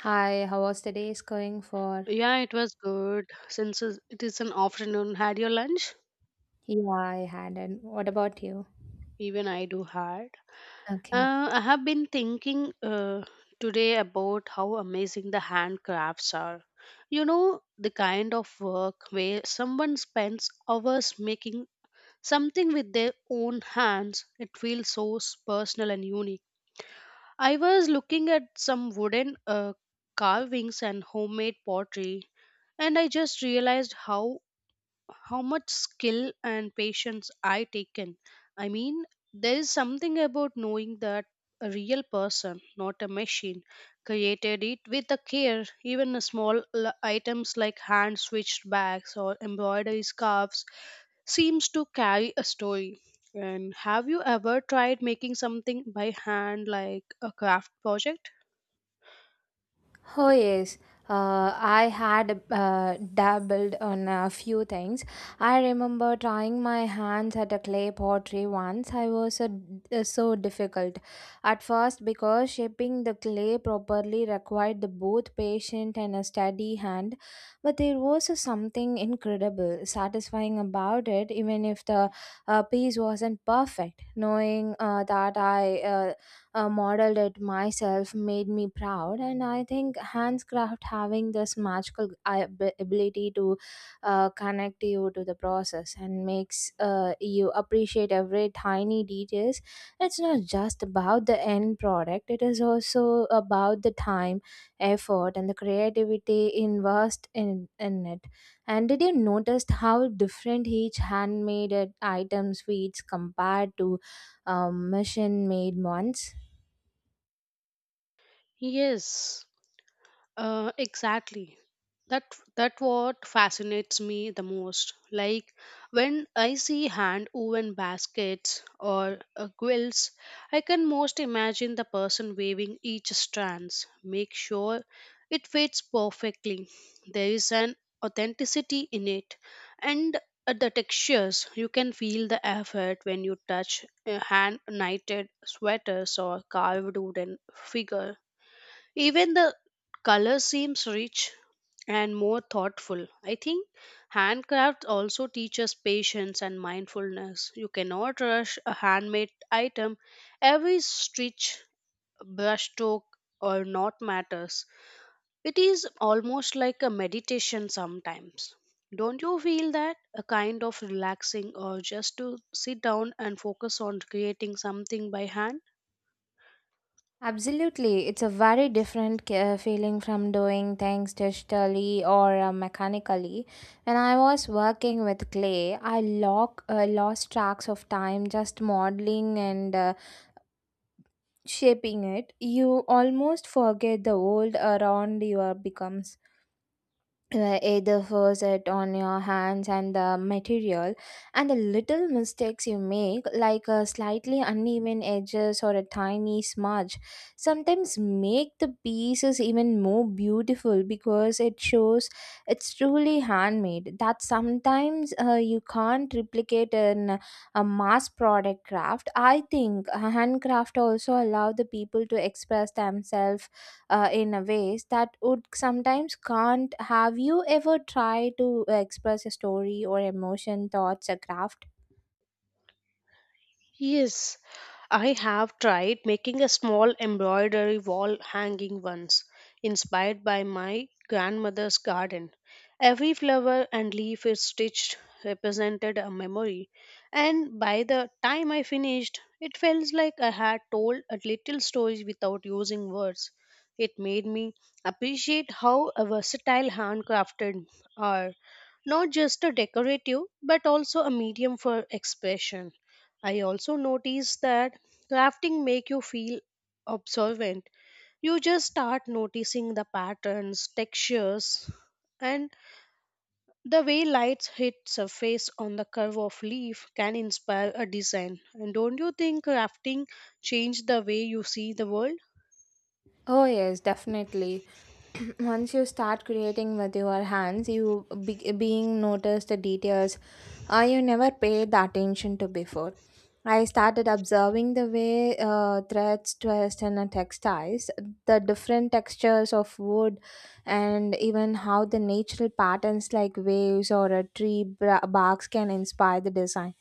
Hi, how was the day going for? Yeah, it was good. Since it is an afternoon, had your lunch? Yeah, I had. And what about you? Even I do had. Okay. I have been thinking today about how amazing the handcrafts are. You know, the kind of work where someone spends hours making something with their own hands, it feels so personal and unique. I was looking at some wooden carvings and homemade pottery, and I just realized how much skill and patience I taken. I mean, there is something about knowing that a real person, not a machine, created it with the care. Even the small items like hand switched bags or embroidery scarves seems to carry a story. And have you ever tried making something by hand, like a craft project? Oh yes, I had dabbled on a few things. I remember trying my hands at a clay pottery once. I was so difficult at first because shaping the clay properly required the both patient and a steady hand. But there was a something incredible, satisfying about it, even if the piece wasn't perfect. Knowing that I modeled it myself made me proud. And I think handcraft having this magical ability to connect you to the process and makes you appreciate every tiny details. It's not just about the end product, it is also about the time, effort and the creativity invest in it. And did you notice how different each handmade item sweets compared to machine made ones? Yes. Exactly. That that what fascinates me the most. Like when I see hand woven baskets or quilts, I can most imagine the person weaving each strands, make sure it fits perfectly. There is an authenticity in it, and at the textures, you can feel the effort when you touch hand knitted sweaters or carved wooden figures. Even the color seems rich and more thoughtful. I think handcraft also teaches patience and mindfulness. You cannot rush a handmade item. Every stitch, brushstroke, or knot matters. It is almost like a meditation sometimes. Don't you feel that? A kind of relaxing or just to sit down and focus on creating something by hand? Absolutely, it's a very different feeling from doing things digitally or mechanically. When I was working with clay, I lost tracks of time just modeling and shaping it. You almost forget the world around you are becomes either force it on your hands and the material, and the little mistakes you make like a slightly uneven edges or a tiny smudge sometimes make the pieces even more beautiful because it shows it's truly handmade, that sometimes you can't replicate in a mass product craft. I think handcraft also allow the people to express themselves in a ways that would sometimes can't. Have you ever tried to express a story or emotion thoughts or craft? Yes, I have tried making a small embroidery wall hanging once, inspired by my grandmother's garden. Every flower and leaf is stitched represented a memory, and by the time I finished, it felt like I had told a little story without using words. It made me appreciate how a versatile handcrafted are not just a decorative but also a medium for expression. I also noticed that crafting make you feel observant. You just start noticing the patterns, textures, and the way lights hit surface on the curve of leaf can inspire a design. And don't you think crafting changed the way you see the world? Oh, yes, definitely. Once you start creating with your hands, you being noticed the details you never paid the attention to before. I started observing the way threads twist in a textiles, the different textures of wood, and even how the natural patterns like waves or a tree barks can inspire the design.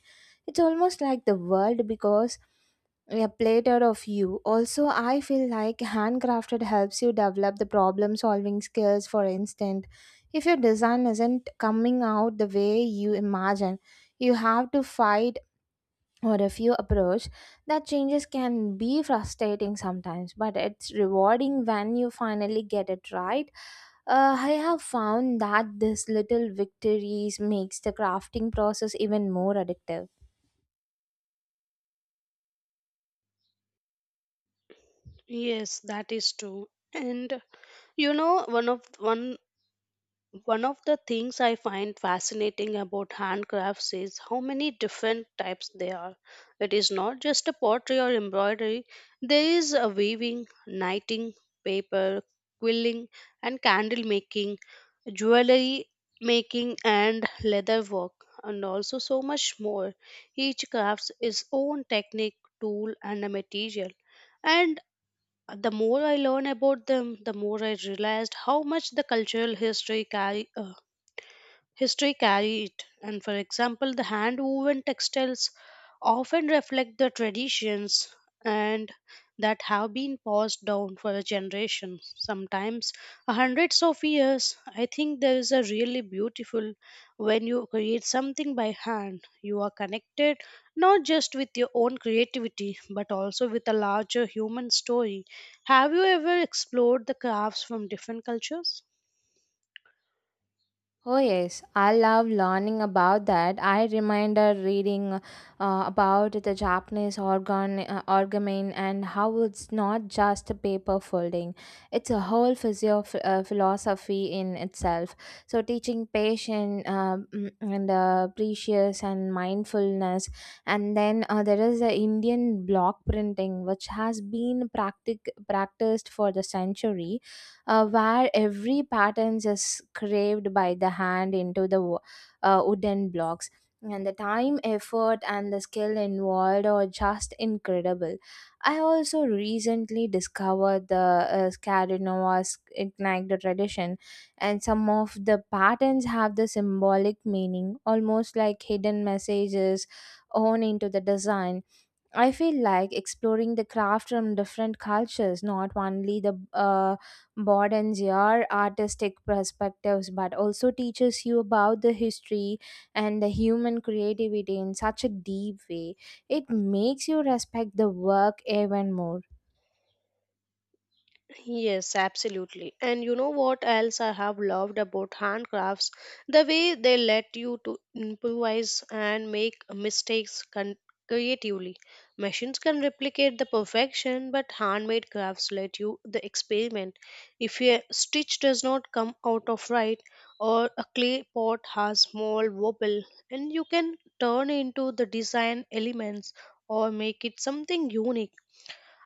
It's almost like the world because, yeah, plated of you. Also, I feel like handcrafted helps you develop the problem solving skills. For instance, if your design isn't coming out the way you imagine, you have to fight or review approach. That changes can be frustrating sometimes, but it's rewarding when you finally get it right. I have found that this little victories makes the crafting process even more addictive. Yes, that is true. And you know, One of the things I find fascinating about handcrafts is how many different types there are. It is not just a pottery or embroidery, there is a weaving, knitting, paper, quilling, and candle making, jewelry making, and leather work, and also so much more. Each crafts its own technique, tool, and a material. And the more I learn about them, the more I realized how much the cultural history History carry it, and for example, the hand woven textiles often reflect the traditions and that have been passed down for a generation, sometimes hundreds of years. I think there is a really beautiful when you create something by hand. You are connected not just with your own creativity but also with a larger human story. Have you ever explored the crafts from different cultures? Oh yes, I love learning about that. I remember reading about the Japanese organ origami and how it's not just a paper folding; it's a whole physio philosophy in itself. So teaching patience, mm, and precious and mindfulness, and then there is the Indian block printing, which has been practiced for the century, where every pattern is carved by the hand into the wooden blocks. And the time, effort, and the skill involved are just incredible. I also recently discovered the Scandinavian Ignite tradition, and some of the patterns have the symbolic meaning, almost like hidden messages on into the design. I feel like exploring the craft from different cultures, not only the modern your artistic perspectives, but also teaches you about the history and the human creativity in such a deep way. It makes you respect the work even more. Yes, absolutely. And you know what else I have loved about handcrafts? The way they let you to improvise and make mistakes creatively. Machines can replicate the perfection, but handmade crafts let you the experiment. If a stitch does not come out of right or a clay pot has small wobble, and you can turn into the design elements or make it something unique.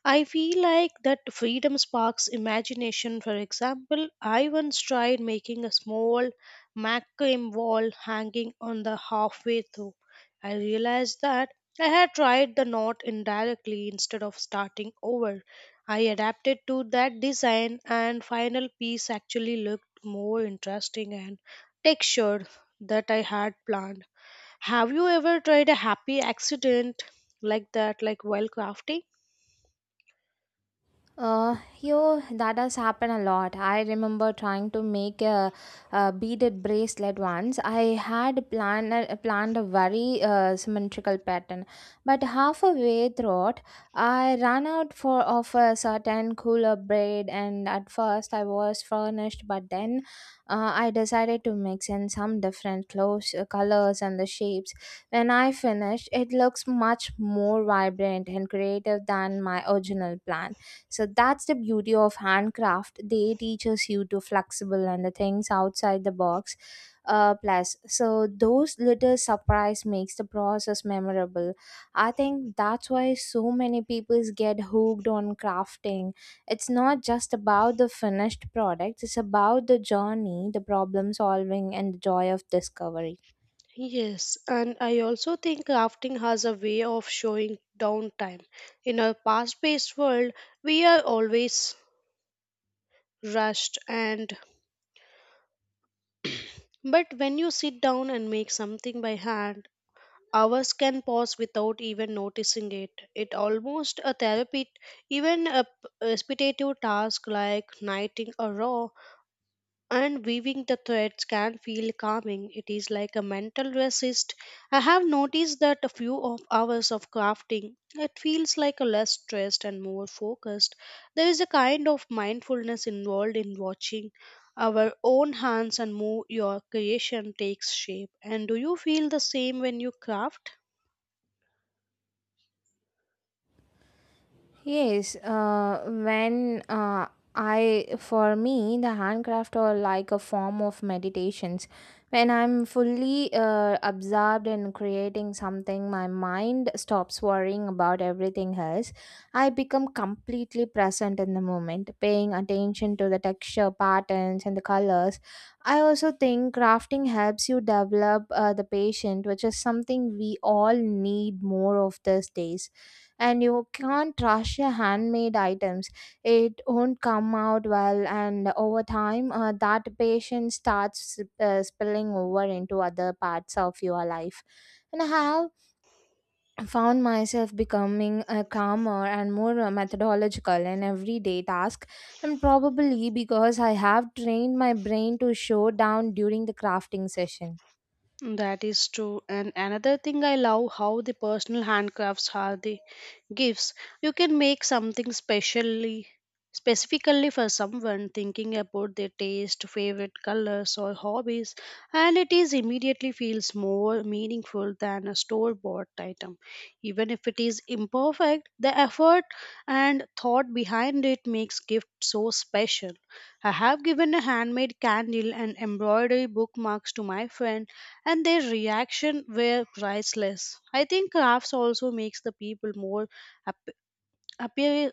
I feel like that freedom sparks imagination. For example, I once tried making a small macrame wall hanging on the halfway through. I realized that I had tried the knot indirectly instead of starting over. I adapted to that design and final piece actually looked more interesting and textured that I had planned. Have you ever tried a happy accident like that like while crafting? Uh, Yo, that has happened a lot. I remember trying to make a beaded bracelet once. I had planned a very symmetrical pattern, but halfway through it, I ran out for of a certain cooler braid, and at first I was furnished, but then I decided to mix in some different colors, and the shapes. When I finished, it looks much more vibrant and creative than my original plan. So that's the beauty of handcraft, they teaches you to flexible and the things outside the box. Plus so those little surprise makes the process memorable. I think that's why so many people get hooked on crafting. It's not just about the finished product, it's about the journey, the problem solving and the joy of discovery. Yes, and I also think crafting has a way of showing downtime. In a fast-paced world, we are always rushed and but when you sit down and make something by hand, hours can pass without even noticing it. It almost a therapy, even a repetitive task like knitting a row and weaving the threads can feel calming. It is like a mental resist. I have noticed that a few of hours of crafting, it feels like a less stressed and more focused. There is a kind of mindfulness involved in watching our own hands and move your creation takes shape. And do you feel the same when you craft? Yes, for me, the handcraft are like a form of meditations. When I'm fully absorbed in creating something, my mind stops worrying about everything else. I become completely present in the moment, paying attention to the texture, patterns, and the colors. I also think crafting helps you develop the patient, which is something we all need more of these days. And you can't rush your handmade items, it won't come out well. And over time, that patience starts spilling over into other parts of your life. And I have found myself becoming calmer and more methodological in everyday task, and probably because I have trained my brain to show down during the crafting session. That is true. And another thing I love how the personal handcrafts are the gifts. You can make something specially specifically for someone thinking about their taste, favorite colors or hobbies and it is immediately feels more meaningful than a store bought item. Even if it is imperfect, the effort and thought behind it makes gift so special. I have given a handmade candle and embroidery bookmarks to my friend and their reaction were priceless. I think crafts also makes the people more app- appear,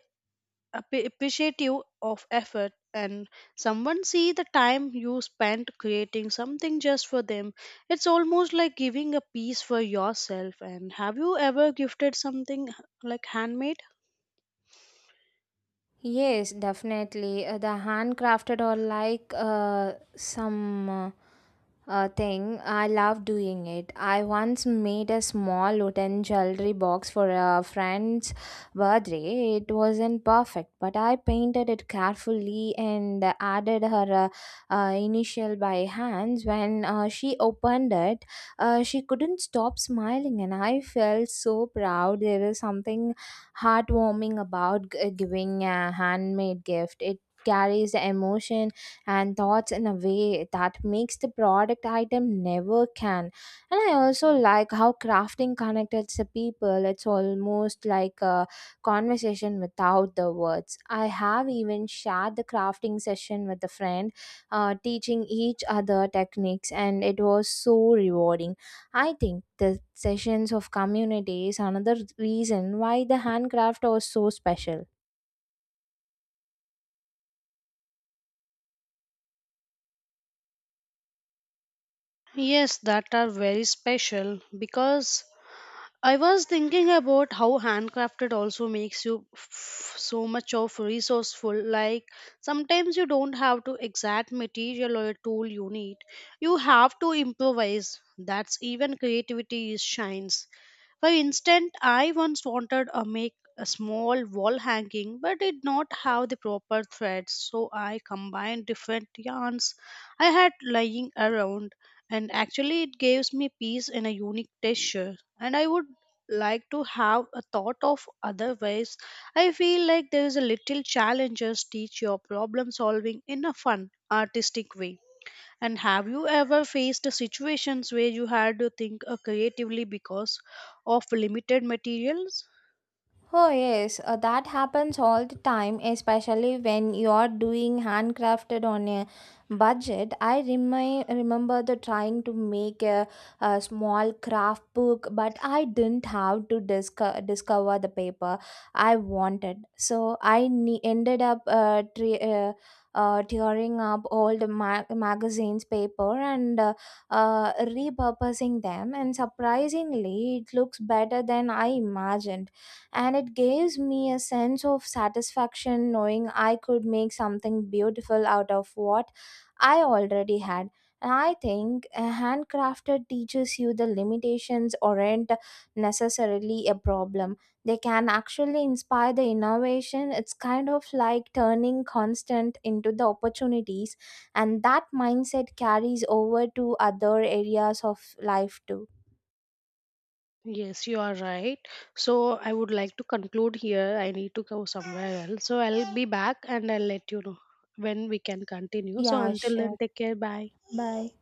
appreciative of effort and someone see the time you spent creating something just for them. It's almost like giving a piece for yourself. And have you ever gifted something like handmade? Yes, definitely. The handcrafted or like some uh, thing. I love doing it. I once made a small wooden jewelry box for a friend's birthday. It wasn't perfect, but I painted it carefully and added her initial by hands. When she opened it, she couldn't stop smiling, and I felt so proud. There is something heartwarming about giving a handmade gift. It carries the emotion and thoughts in a way that makes the product item never can. And I also like how crafting connects the people. It's almost like a conversation without the words. I have even shared the crafting session with a friend, teaching each other techniques, and it was so rewarding. I think the sessions of community is another reason why the handcraft was so special. Yes, that are very special because I was thinking about how handcrafted also makes you so much of resourceful. Like sometimes you don't have to exact material or a tool you need. You have to improvise. That's even creativity is shines. For instance, I once wanted to make a small wall hanging but did not have the proper threads, so I combined different yarns I had lying around, and actually, it gives me peace in a unique texture. And I would like to have a thought of other ways. I feel like there is a little challenges teach your problem solving in a fun, artistic way. And have you ever faced situations where you had to think creatively because of limited materials? Oh, yes, that happens all the time, especially when you're doing handcrafted on a budget. I remember the trying to make a small craft book, but I didn't have to discover the paper I wanted. So I ended up tearing up all the magazines paper and repurposing them. And surprisingly it looks better than I imagined, and it gives me a sense of satisfaction knowing I could make something beautiful out of what I already had. And I think a handcrafted teaches you the limitations aren't necessarily a problem. They can actually inspire the innovation. It's kind of like turning constant into the opportunities, and that mindset carries over to other areas of life too. Yes, you are right. So I would like to conclude here. I need to go somewhere else. So I'll be back and I'll let you know when we can continue. So Yeah, until then, sure. take care. Bye. Bye.